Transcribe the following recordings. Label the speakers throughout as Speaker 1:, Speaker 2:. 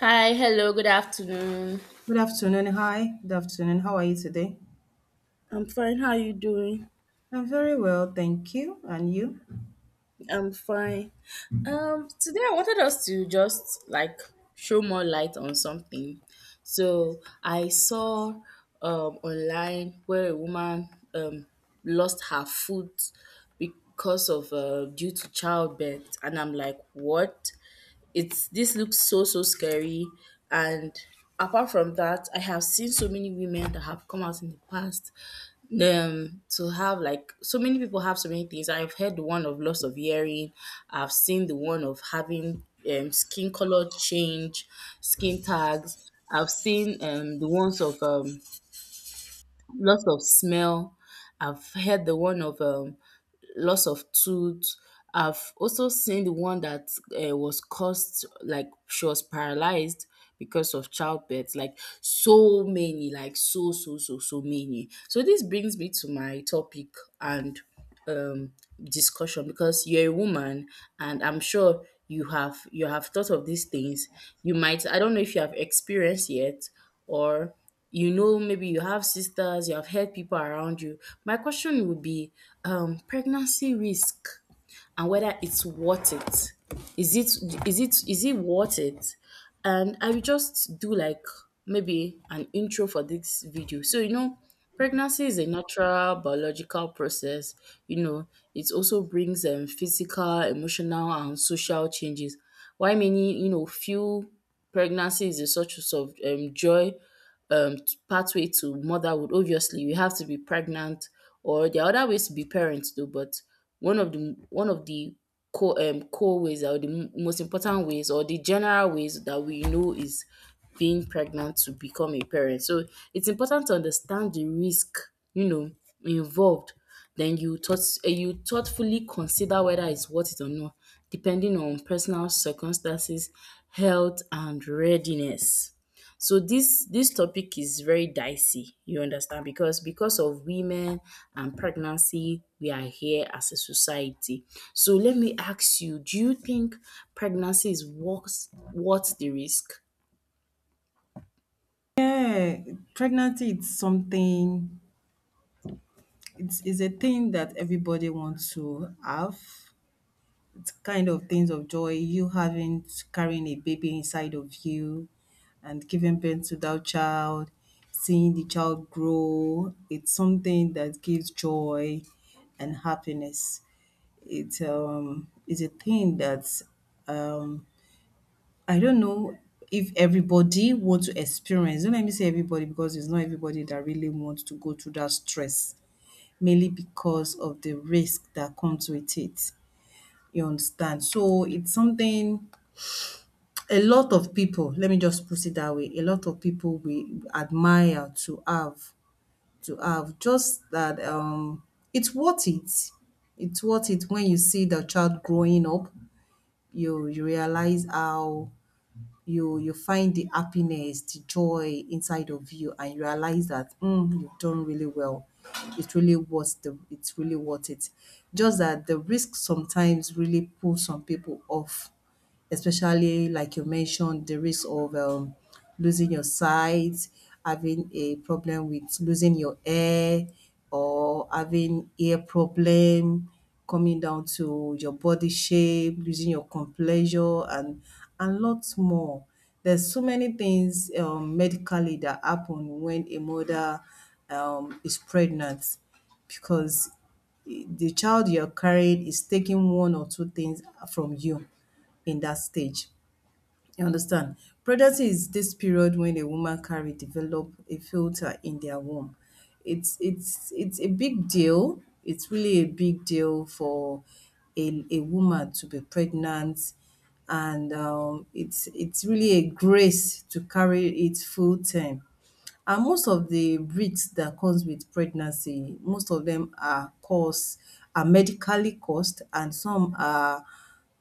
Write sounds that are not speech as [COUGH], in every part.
Speaker 1: Hi, hello, good afternoon.
Speaker 2: Good afternoon. Hi. Good afternoon. How are you today?
Speaker 1: I'm fine. How are you doing?
Speaker 2: I'm very well, thank you. And you?
Speaker 1: I'm fine. Today I wanted us to just like show more light on something. So I saw online where a woman um lost her foot because of due to childbirth, and I'm like, what? It's this looks so scary. And apart from that, I have seen so many women that have come out in the past, to have like so many people have so many things. I've heard the one of loss of hearing. I've seen the one of having skin color change, skin tags. I've seen the ones of loss of smell. I've heard the one of loss of tooth. I've also seen the one that was caused, like she was paralyzed because of childbirth. Like so many, like so many. So this brings me to my topic and um, discussion, because you're a woman and I'm sure you have thought of these things. You might I don't know if you have experience yet, or you know, maybe you have sisters, you have heard people around you. My question would be pregnancy risk and whether it's worth it. Is it is it is it worth it? And I will just do like maybe an intro for this video, so you know, pregnancy is a natural biological process. You know, it also brings physical, emotional, and social changes. Why many, feel pregnancy is a source of joy, um pathway to motherhood. Obviously, you have to be pregnant, or there are other ways to be parents though. But one of the core ways, or the most important ways, or the general ways that we know, is being pregnant to become a parent. So it's important to understand the risk, you know involved. Then you thoughtfully consider whether it's worth it or not, depending on personal circumstances, health, and readiness. So this topic is very dicey, you understand, because of women and pregnancy, we are here as a society. So let me ask you, do you think pregnancy is worth the risk?
Speaker 2: Yeah, pregnancy it's something it's is a thing that everybody wants to have. It's kind of things of joy, you having carrying a baby inside of you and giving birth to that child, seeing the child grow. It's something that gives joy and happiness. It is a thing that um I don't know if everybody wants to experience. Don't let me say everybody because it's not everybody that really wants to go through that stress, mainly because of the risk that comes with it. You understand? So it's something a lot of people, let me just put it that way, a lot of people we admire to have just that it's worth it. It's worth it when you see the child growing up, you realize how you find the happiness, the joy inside of you, and you realize that mm, you've done really well. It's really worth it. Just that the risk sometimes really pulls some people off, especially like you mentioned, the risk of losing your sight, having a problem with losing your air, or having ear problem, coming down to your body shape, using your complexion, and lots more. There's so many things medically that happen when a mother is pregnant, because the child you're carrying is taking one or two things from you in that stage. You understand? Pregnancy is this period when a woman carry develop a filter in their womb. It's a big deal. It's really a big deal for a woman to be pregnant, and it's really a grace to carry it full term. And most of the breeds that comes with pregnancy, most of them are cost, are medically cost, and some are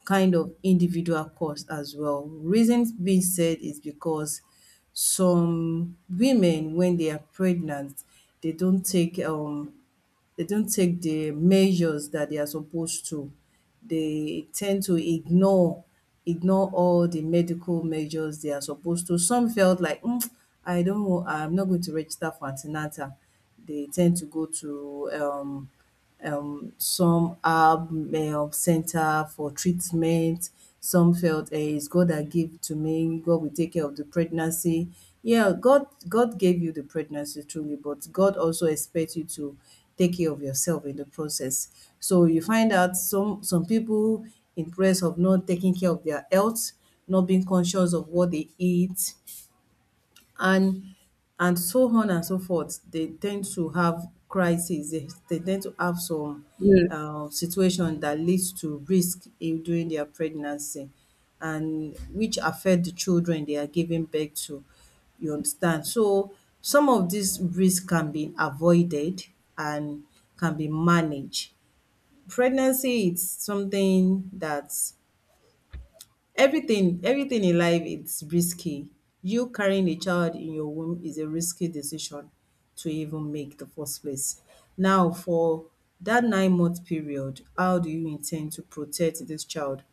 Speaker 2: kind of individual cost as well. Reason being said is because some women when they are pregnant, they don't take um they don't take the measures that they are supposed to. They tend to ignore all the medical measures they are supposed to. Some felt like, "Mm, I don't want, I'm not going to register for an They tend to go to some herb center for treatment. Some felt eh, it's God that gave to me. God will take care of the pregnancy. Yeah, God gave you the pregnancy truly, but God also expects you to take care of yourself in the process. So you find out some people in press of not taking care of their health, not being conscious of what they eat, and and so on and so forth. They tend to have crises. They tend to have some
Speaker 1: Mm.
Speaker 2: situation that leads to risk in during their pregnancy and which affect the children they are giving birth to. You understand? So some of these risks can be avoided and can be managed. Pregnancy is something that Everything in life is risky. You carrying a child in your womb is a risky decision to even make the first place. Now, for that 9 month period, how do you intend to protect this child?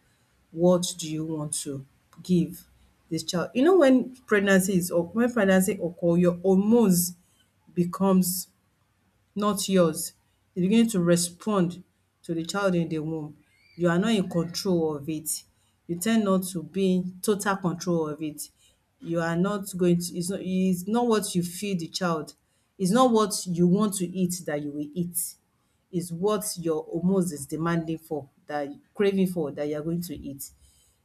Speaker 2: What do you want to give this child? You know when pregnancy is oc when pregnancy occur, your hormones becomes not yours. You're beginning to respond to the child in the womb. You are not in control of it. You tend not to be in total control of it. You are not going to it's not what you feed the child. It's not what you want to eat that you will eat. It's what your hormones is demanding for, that craving for, that you are going to eat.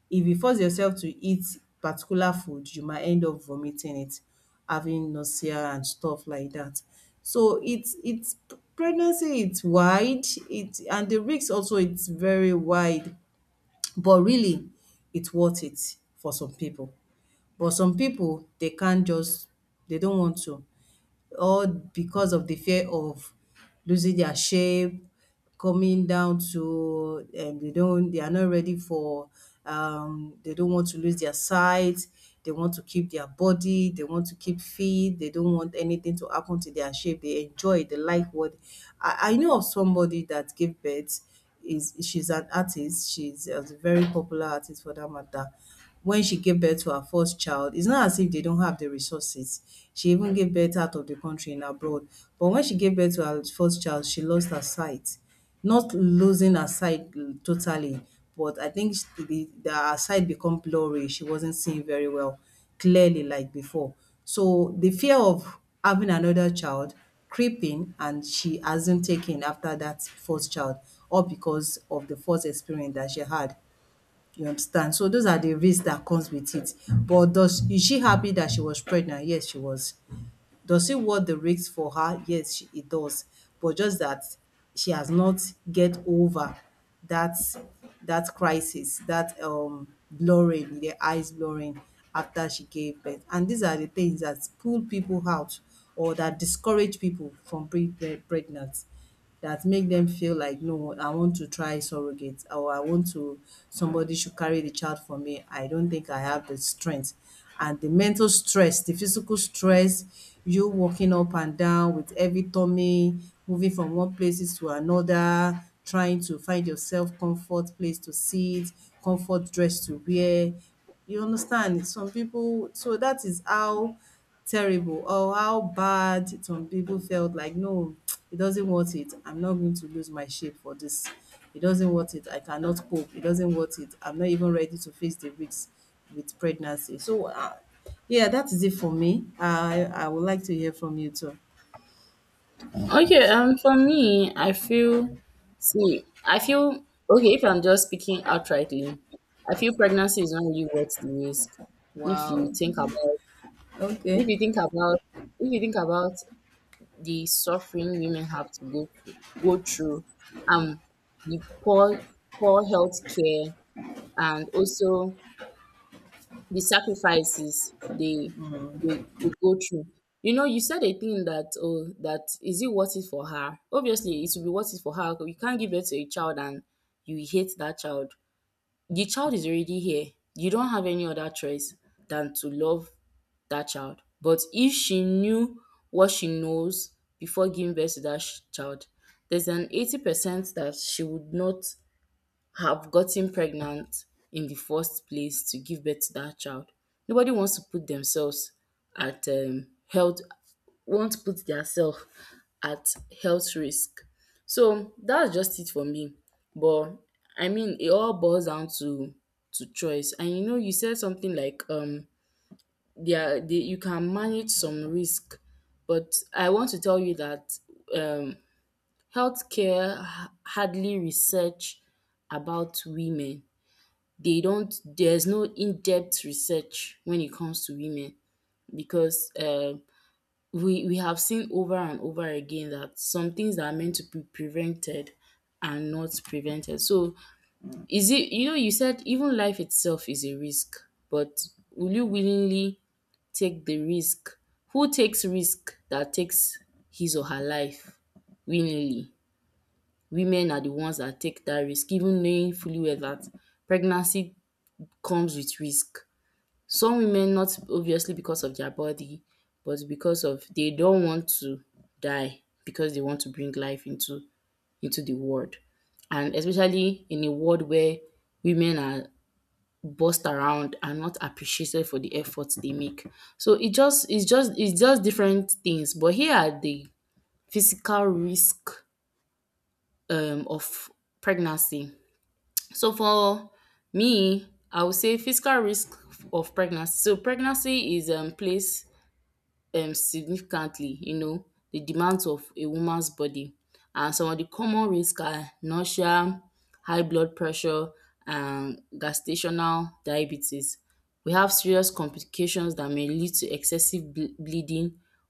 Speaker 2: If you force yourself to eat particular food, you might end up vomiting it, having nausea and stuff like that. So it's pregnancy it's wide, it and the risk also it's very wide, but really it's worth it for some people. But some people they can't just they don't want to, all because of the fear of losing their shape, coming down to they don't they are not ready for they don't want to lose their sight, they want to keep their body, they want to keep fit, they don't want anything to happen to their shape, they enjoy, they like what I know of somebody that gave birth. Is She's an artist. She's a very popular artist for that matter. When she gave birth to her first child, it's not as if they don't have the resources. She even gave birth out of the country and abroad. But when she gave birth to her first child, she lost her sight. Not losing her sight mm, totally, but I think sh- the her sight become blurry. She wasn't seeing very well clearly like before. So the fear of having another child creeping, and she hasn't taken after that first child, all because of the first experience that she had. You understand? So those are the risks that comes with it. But does, is she happy that she was pregnant? Yes, she was. Does she want the risk for her? Yes, she, he does. But just that she has not get over that crisis, that blurring, the eyes blurring after she gave birth. And these are the things that pull people out or that discourage people from being pregnant, that make them feel like, no, I want to try surrogate, or I want to, somebody should carry the child for me. I don't think I have the strength, and the mental stress, the physical stress, you walking up and down with heavy tummy, moving from one places to another, trying to find yourself comfort place to sit, comfort dress to wear. You understand? Some people, so that is how terrible or how bad some people felt like, no, [TSK] it doesn't worth it. I'm not going to lose my shape for this. It doesn't worth it. I cannot cope. It doesn't worth it. I'm not even ready to face the risks with pregnancy. So, yeah, that is it for me. I would like to hear from you too.
Speaker 1: Okay, for me, I feel, see, I feel, okay, if I'm just speaking outrightly, I feel pregnancy is not really worth the risk. If
Speaker 2: Wow.
Speaker 1: you think about
Speaker 2: Okay.
Speaker 1: if you think about if you think about the suffering women have to go through, um, the poor health care, and also the sacrifices they go through. You know, you said a thing that, oh, that is it worth it for her? Obviously, it will be worth it for her. You can't give birth to a child and you hate that child; the child is already here. You don't have any other choice than to love that child. But if she knew what she knows before giving birth to that child, there's an 80% that she would not have gotten pregnant in the first place to give birth to that child. Nobody wants to put themselves at won't put themselves at health risk. So that's just it for me. But I mean, it all boils down to choice. And you know, you said something like you can manage some risk, but I want to tell you that um, healthcare hardly research about women. They don't There's no in-depth research when it comes to women, because we have seen over and over again that some things that are meant to be prevented are not prevented. So is it you know, you said, even life itself is a risk, but will you willingly take the risk? Who takes risk that takes his or her life willingly? Women are the ones that take that risk, even knowing fully well that pregnancy comes with risk. Some women, not obviously because of their body, but because of, they don't want to die because they want to bring life into the world. And especially in a world where women are bossed around and not appreciated for the efforts they make. So it's just different things. But here are the physical risk of pregnancy. So for me, I would say physical risk of pregnancy. So pregnancy is place significantly, you know, the demands of a woman's body, and some of the common risks are nausea, high blood pressure, and gestational diabetes. We have serious complications that may lead to excessive bleeding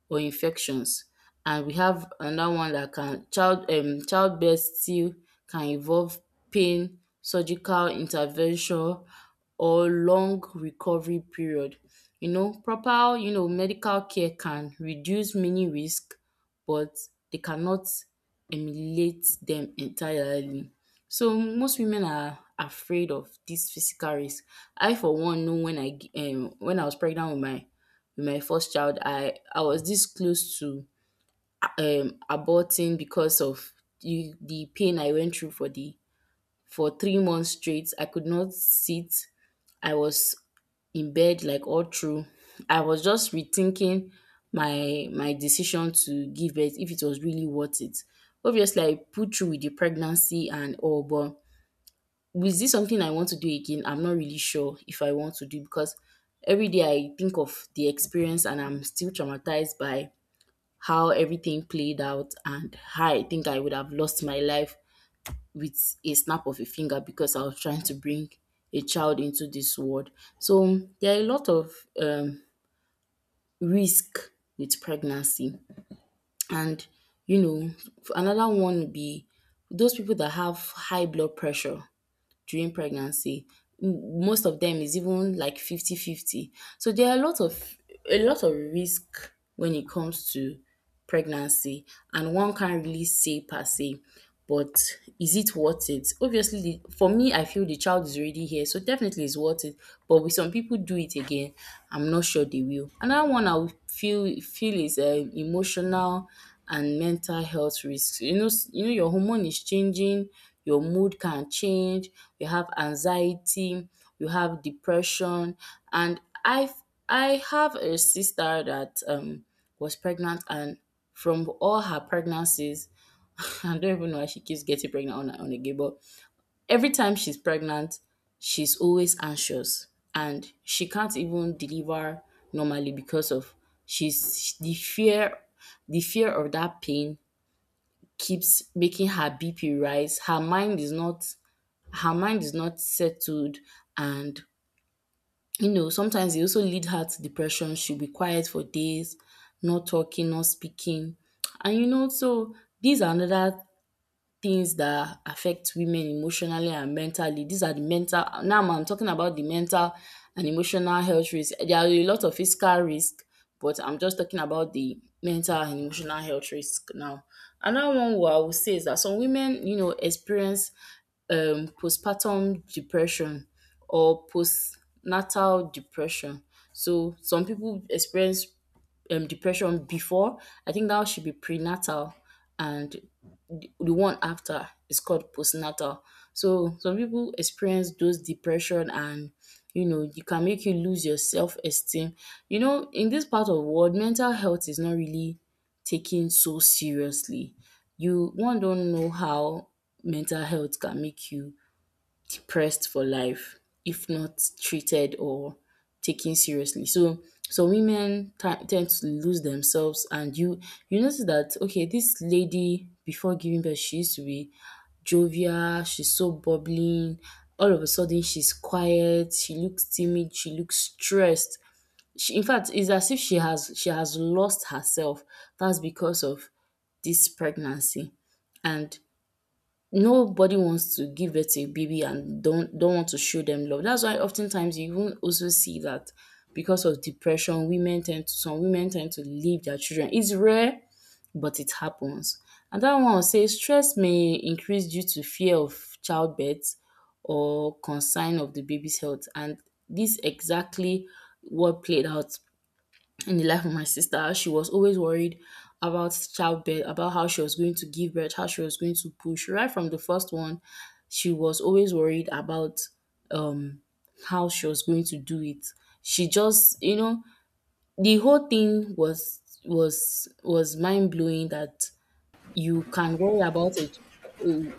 Speaker 1: or infections, and we have another one that can childbirth still can involve pain, surgical intervention, or long recovery period. You know, proper, you know, medical care can reduce many risk, but they cannot eliminate them entirely. So most women are afraid of this physical risk. I for one know when I was pregnant with my first child, I was this close to aborting because of the pain I went through for 3 months straight. I could not sit. I was in bed like all through. I was just rethinking my decision to give birth, if it was really worth it. Obviously, I put through with the pregnancy and all, but is this something I want to do again? I'm not really sure if I want to do, because every day I think of the experience and I'm still traumatized by how everything played out, and how I think I would have lost my life with a snap of a finger because I was trying to bring a child into this world. So there are a lot of um, risk with pregnancy. And you know, another one would be those people that have high blood pressure during pregnancy. Most of them is even like fifty-fifty. So there are a lot of risk when it comes to pregnancy, and one can't really say per se, but is it worth it? Obviously, for me, I feel the child is already here, so definitely it's worth it. But with some people, do it again, I'm not sure they will. Another one I would feel is emotional and mental health risks. You know, your hormone is changing, your mood can change, you have anxiety, you have depression. And I have a sister that was pregnant, and from all her pregnancies, [LAUGHS] I don't even know why she keeps getting pregnant on again. But every time she's pregnant, she's always anxious and she can't even deliver normally because of, she's the fear of that pain keeps making her BP rise. Her mind is not settled, and you know, sometimes it also lead her to depression. She'll be quiet for days, not talking, not speaking. And you know, so these are another things that affect women emotionally and mentally. These are the mental, now I'm talking about the mental and emotional health risk. There are a lot of physical risk, but I'm just talking about the mental and emotional health risk now. Another one, what I would say, is that some women, you know, experience postpartum depression or postnatal depression. So some people experience depression before. I think that should be prenatal, and the one after is called postnatal. So some people experience those depression, and you know, it can make you lose your self esteem. You know, in this part of the world, mental health is not really taken so seriously. You one don't know how mental health can make you pressed for life if not treated or taken seriously. So some women tend to lose themselves, and you notice that, okay, this lady before giving birth, she used to be jovial, she's so bubbling. All of a sudden, she's quiet. She looks timid. She looks stressed. She, in fact, it's as if she has lost herself. That's because of this pregnancy, and nobody wants to give birth to a baby and don't want to show them love. That's why oftentimes you even also see that because of depression, women tend to some women tend to leave their children. It's rare, but it happens. And that one will say, stress may increase due to fear of childbirth or concern of the baby's health. And this exactly what played out in the life of my sister. She was always worried about childbirth, about how she was going to give birth, how she was going to push. Right from the first one, she was always worried about um how she was going to do it. She just, you know, the whole thing was mind blowing, that you can worry about it. You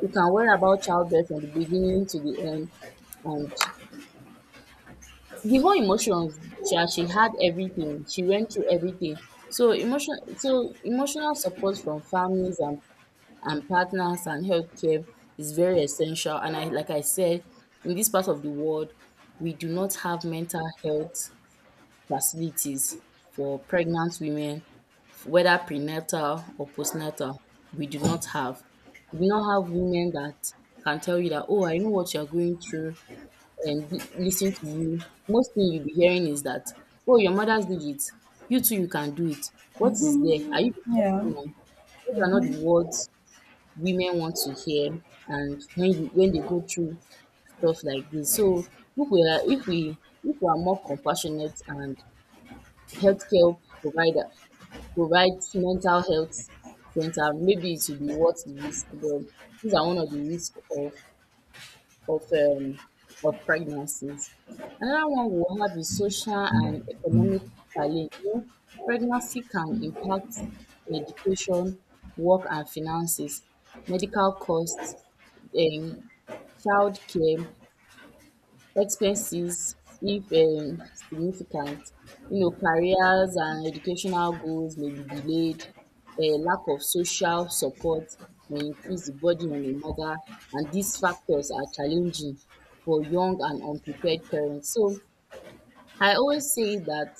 Speaker 1: you can worry about childbirth from the beginning to the end, and the whole emotions, she had everything, she went through everything. So emotional support from families and partners and healthcare is very essential. And, I like I said, in this part of the world, we do not have mental health facilities for pregnant women, whether prenatal or postnatal. We do not have we do not have women that can tell you that, oh, I know what you're going through, and listen to you. Most thing you'll be hearing is that, oh, your mothers did it. You too, you can do it. What is there? Are you the first
Speaker 2: Yeah.
Speaker 1: woman? Those are not the words women want to hear. And when they go through stuff like this. So if we are if we if we are more compassionate and healthcare provider provides mental health center, maybe it will be worth the risk. But these are one of the risks of um, of pregnancies. Another one we have is social and economic challenge. You know, pregnancy can impact education, work and finances, medical costs, um, child care. Expenses, if significant, you know, careers and educational goals may be delayed. A lack of social support may increase the burden on the mother, and these factors are challenging for young and unprepared parents. So I always say that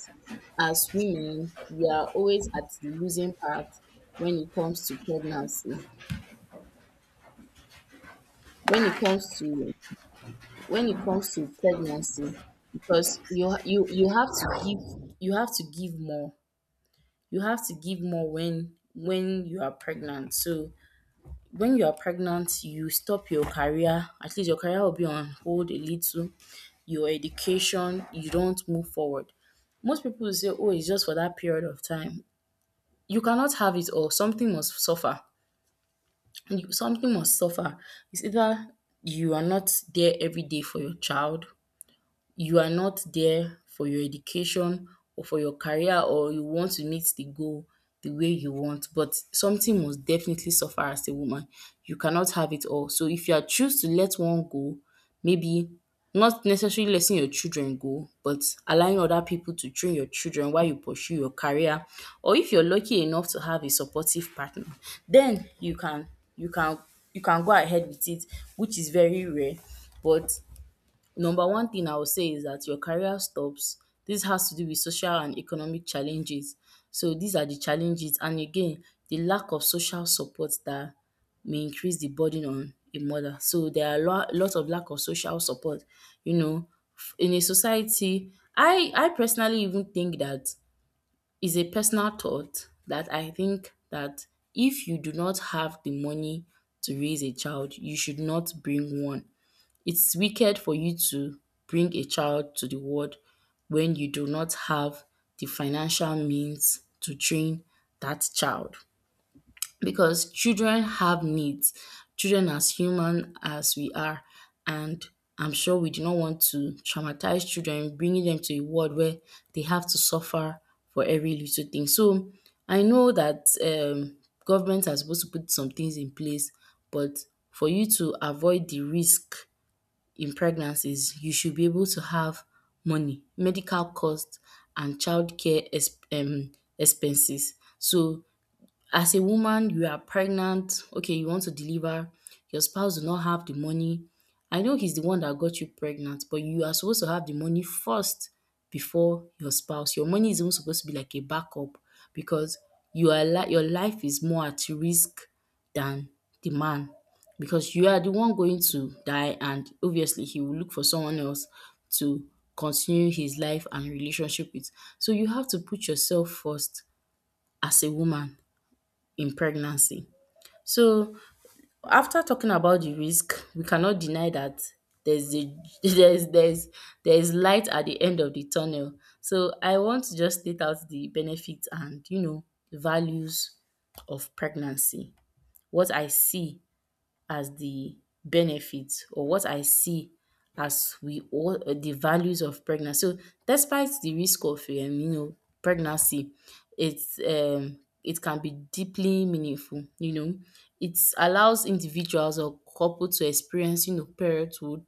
Speaker 1: as women, we are always at the losing part when it comes to pregnancy. When it comes to when it comes to pregnancy, because you have to give, you have to give more you have to give more when you are pregnant. So when you are pregnant, you stop your career, at least your career will be on hold a little. Your education, you don't move forward. Most people will say, oh, it's just for that period of time, you cannot have it all, something must suffer. Something must suffer. It's either you are not there every day for your child, you are not there for your education, or for your career, or you want to meet the goal the way you want, but something must definitely suffer as a woman. You cannot have it all. So if you are choose to let one go, maybe not necessarily letting your children go, but allowing other people to train your children while you pursue your career, or if you're lucky enough to have a supportive partner, then you can you can go ahead with it, which is very rare. But number one thing I would say is that your career stops. This has to do with social and economic challenges. So these are the challenges, and again, the lack of social support that may increase the burden on a mother. So there are lots of lack of social support, you know, in a society. I personally even think that, is a personal thought that I think that if you do not have the money to raise a child, you should not bring one. It's wicked for you to bring a child to the world when you do not have the financial means to train that child, because children have needs. Children as human as we are, and I'm sure we do not want to traumatize children, bringing them to a world where they have to suffer for every little thing. So I know that government are supposed to put some things in place, but for you to avoid the risk in pregnancies, you should be able to have money, medical costs, and childcare ex expenses. So as a woman, you are pregnant, okay, you want to deliver, your spouse do not have the money. I know he's the one that got you pregnant, but you are supposed to have the money first before your spouse. Your money is even supposed to be like a backup, because your life is more at risk than the man, because you are the one going to die, and obviously he will look for someone else to continue his life and relationship with. So you have to put yourself first as a woman in pregnancy. So after talking about the risk, we cannot deny that there's a [LAUGHS] there's there's there's light at the end of the tunnel. So I want to just state out the benefits and, you know, values of pregnancy. What I see as the benefits, or what I see as we all the values of pregnancy. So despite the risk of pregnancy, it can be deeply meaningful. You know, it allows individuals or couple to experience, you know, parenthood.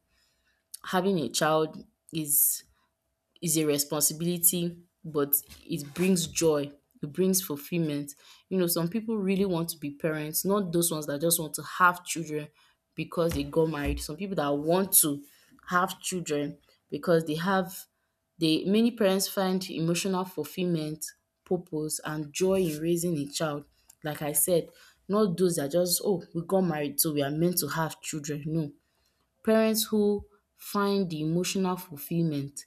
Speaker 1: Having a child is is a responsibility, but it brings joy, it brings fulfillment. You know, some people really want to be parents, not those ones that just want to have children because they got married. Some people that want to have children because they have they many parents find emotional fulfillment, purpose, and joy in raising a child. Like I said, not those that just, oh, we got married, so we are meant to have children. No. Parents who find the emotional fulfillment,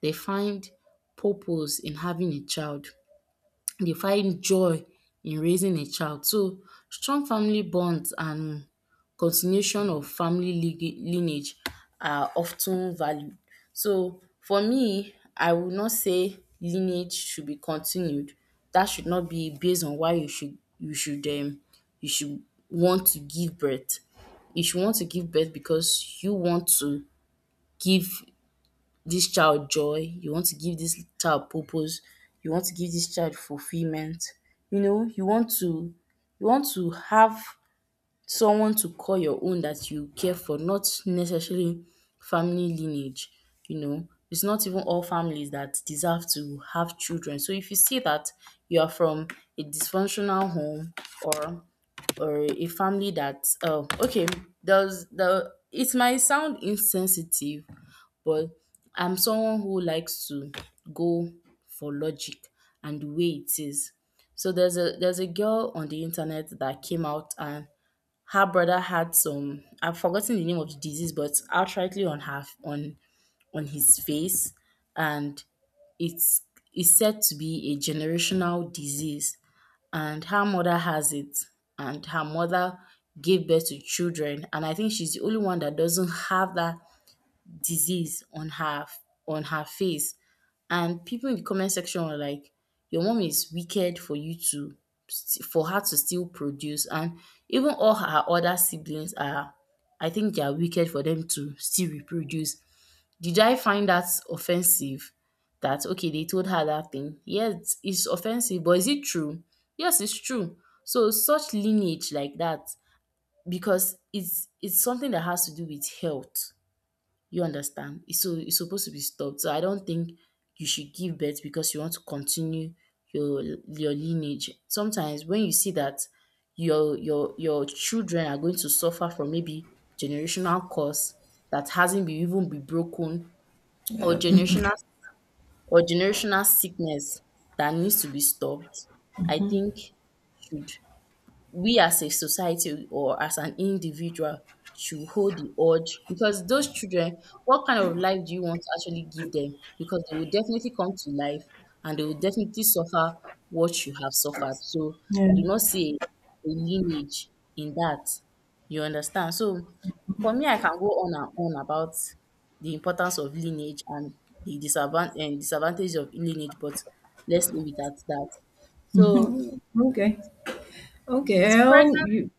Speaker 1: they find purpose in having a child. They find joy in raising a child. So strong family bonds and continuation of family lineage are often valued. So for me, I would not say lineage should be continued. That should not be based on why you should want to give birth. You should want to give birth because you want to give this child joy, you want to give this child purpose, you want to give this child fulfillment. You know, you want to have someone to call your own that you care for, not necessarily family lineage, you know. It's not even all families that deserve to have children. So if you see that you are from a dysfunctional home, or or a family that, oh okay, does the it might sound insensitive, but I'm someone who likes to go for logic and the way it is. So there's a girl on the internet that came out, and her brother had some, I've forgotten the name of the disease, but outrightly on her on his face, and it's is said to be a generational disease. And her mother has it, and her mother gave birth to children, and I think she's the only one that doesn't have that disease on her, on her face. And people in the comment section were like, "Your mom is wicked for you to for her to still produce." And even all her other siblings are, I think, they are wicked for them to still reproduce. Did I find that offensive? That okay, they told her that thing. Yes, it's offensive, but is it true? Yes, it's true. So such lineage like that, because it's something that has to do with health, you understand? It's supposed to be stopped. So I don't think you should give birth because you want to continue your lineage. Sometimes when you see that your children are going to suffer from maybe generational curse that hasn't been even be broken, or generational, or generational sickness that needs to be stopped, I think, should we, as a society or as an individual, should hold the urge, because those children, what kind of life do you want to actually give them? Because they will definitely come to life, and they will definitely suffer what you have suffered. So
Speaker 2: Yeah.
Speaker 1: I do not see a lineage in that. You understand? So for me, I can go on and on about the importance of lineage and the disadvan- and disadvantage of lineage, but let's leave it at that. So
Speaker 2: Okay.
Speaker 1: it's
Speaker 2: Okay.
Speaker 1: pregnant.
Speaker 2: You,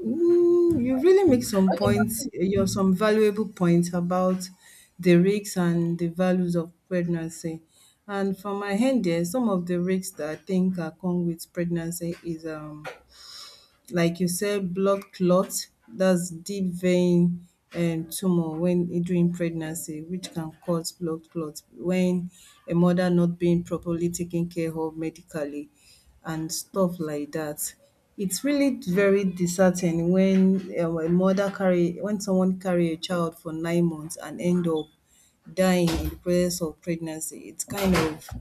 Speaker 2: ooh, you really make some points, you're some valuable points about the risks and the values of pregnancy. And from my end there, some of the risks that I think are come with pregnancy is like you said, blood clots. That's deep vein tumor when during pregnancy, which can cause blood clots, when a mother not being properly taken care of medically and stuff like that. It's really very disheartening when a mother carry, when someone carry a child for 9 months and end up dying in the process of pregnancy. It's kind of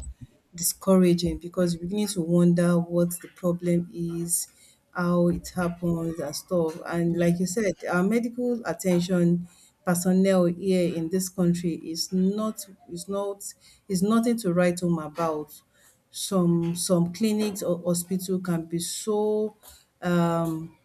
Speaker 2: discouraging because you're beginning to wonder what the problem is, how it happens and stuff. And
Speaker 1: Okay.
Speaker 2: like you said, our medical attention personnel here in this country is not, is nothing to write home about. Some clinics or hospital can be so um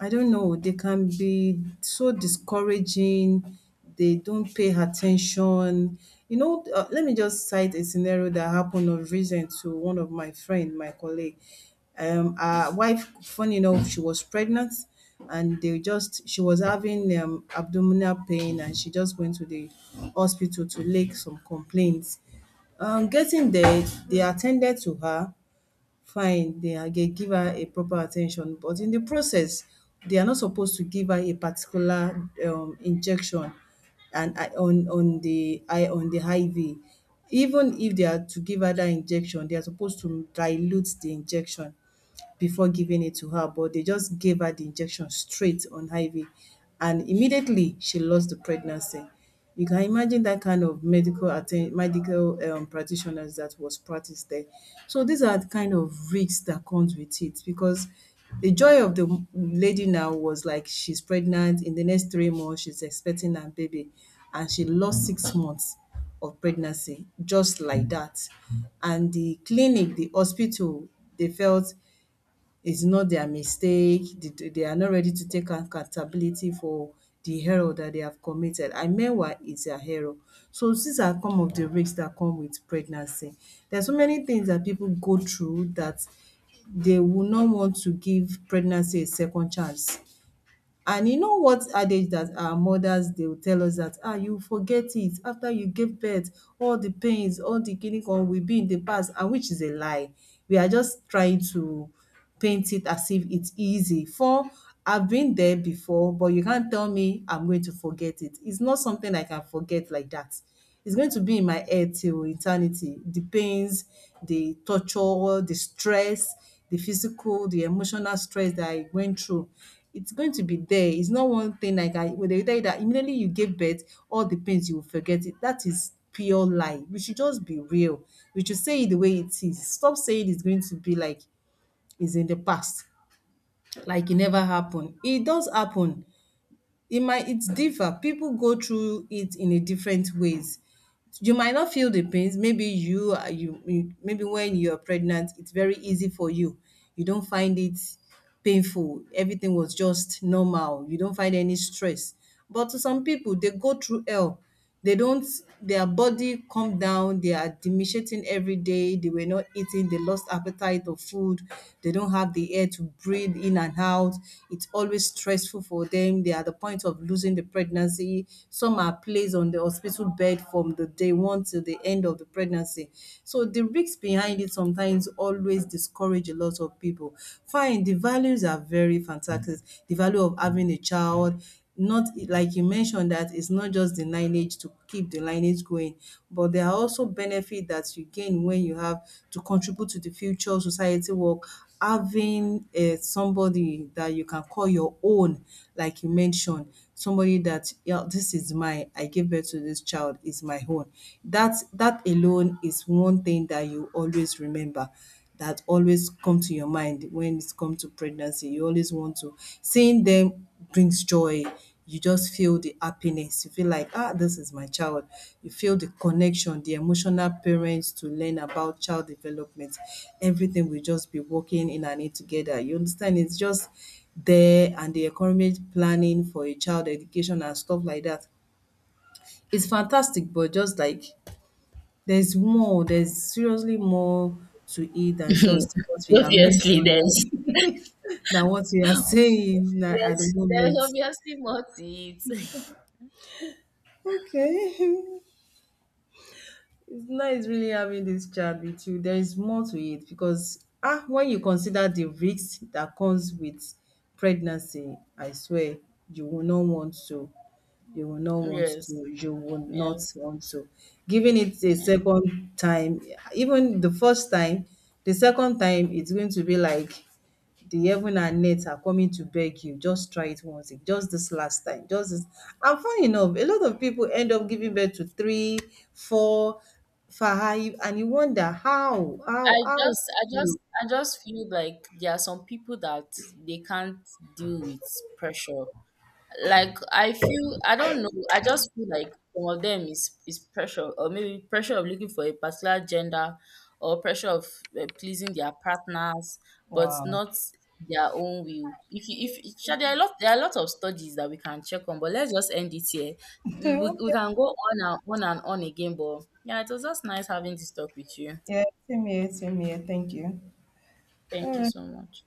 Speaker 2: I don't know, they can be so discouraging, they don't pay attention. You know, let me just cite a scenario that happened of recent to one of my friend, my colleague. Her wife, funny enough, she was pregnant and they just, she was having abdominal pain, and she just went to the hospital to lay some complaints. Getting there, they attended to her fine, they are dey give her a proper attention, but in the process they are not supposed to give her a particular injection and I on the I on the IV. Even if they are to give her that injection, they are supposed to dilute the injection before giving it to her, but they just gave her the injection straight on IV. And immediately she lost the pregnancy. You can imagine that kind of medical practitioners that was practiced there. So these are the kind of risks that comes with it, because the joy of the lady now was like she's pregnant, in the next 3 months she's expecting her baby, and she lost 6 months of pregnancy just like that. And the clinic, the hospital, they felt it's not their mistake. They are not ready to take accountability for the error that they have committed. And meanwhile, it's their error. So these are some of the risks that come with pregnancy. There are so many things that people go through that they will not want to give pregnancy a second chance. And you know what adage that our mothers they will tell us, that ah, you forget it after you gave birth, all the pains, all the kini kan will be in the past, and which is a lie. We are just trying to paint it as if it's easy. For I've been there before, but you can't tell me I'm going to forget it. It's not something I can forget like that. It's going to be in my head till eternity. The pains, the torture, the stress, the physical, the emotional stress that I went through, it's going to be there. It's not one thing like I when they tell you that immediately you gave birth, all the pains you will forget it. That is pure lie. We should just be real. We should say it the way it is. Stop saying it's going to be like it's in the past, like it never happened. It does happen. It's differ. People go through it in a different ways. You might not feel the pains. Maybe you are you maybe when you're pregnant it's very easy for you. You don't find it painful. Everything was just normal, you don't find any stress, but to some people they go through hell. They don't, their body come down, they are depreciating every day, they were not eating, they lost appetite of food, they don't have the air to breathe in and out. It's always stressful for them. They are at the point of losing the pregnancy. Some are placed on the hospital bed from the day one till the end of the pregnancy. So the risks behind it sometimes always discourage a lot of people. Fine, the values are very fantastic. The value of having a child, not like you mentioned that it's not just the lineage to keep the lineage going, but there are also benefits that you gain when you have to contribute to the future society work, having somebody that you can call your own, like you mentioned, somebody that, yeah, this is mine. I gave birth to this child is my own. That alone is one thing that you always remember. That always come to your mind when it's come to pregnancy. You always want to seeing them brings joy. You just feel the happiness. You feel like, ah, this is my child. You feel the connection, the emotional parents to learn about child development. Everything will just be working in and it together. You understand? It's just there, and the economic planning for a child education and stuff like that. It's fantastic, but just like there's more, there's seriously more to it than just what we are
Speaker 1: Obviously,
Speaker 2: mentioning,
Speaker 1: there's
Speaker 2: [LAUGHS] than what we are [LAUGHS] saying at the
Speaker 1: there's
Speaker 2: moment.
Speaker 1: obviously more to it. [LAUGHS]
Speaker 2: Okay. [LAUGHS] It's nice really having this chat with you. There is more to it because, ah, when you consider the risks that comes with pregnancy, I swear you will not want to. You will not want
Speaker 1: Yes,
Speaker 2: to. You will not
Speaker 1: yes,
Speaker 2: want to. Giving it a
Speaker 1: yes.
Speaker 2: second time, even the first time, the second time it's going to be like the heaven and earth are coming to beg you. Just try it once. Just this last time. Just this. And funny enough, a lot of people end up giving birth to three, four, five, and you wonder
Speaker 1: I
Speaker 2: how did
Speaker 1: just, I just,
Speaker 2: you?
Speaker 1: I just feel like there are some people that they can't deal with pressure. Like, I feel, I don't know, I just feel like some of them is pressure, or maybe pressure of looking for a particular gender, or pressure of pleasing their partners, but
Speaker 2: Wow.
Speaker 1: not their own will. If sure, there are a lot of studies that we can check on, but let's just end it here.
Speaker 2: [LAUGHS]
Speaker 1: We
Speaker 2: Okay.
Speaker 1: can go on and on and on again, but yeah, it was just nice having this talk with you.
Speaker 2: Yeah, same here, same here. Thank you.
Speaker 1: Thank
Speaker 2: All
Speaker 1: you
Speaker 2: right.
Speaker 1: so much.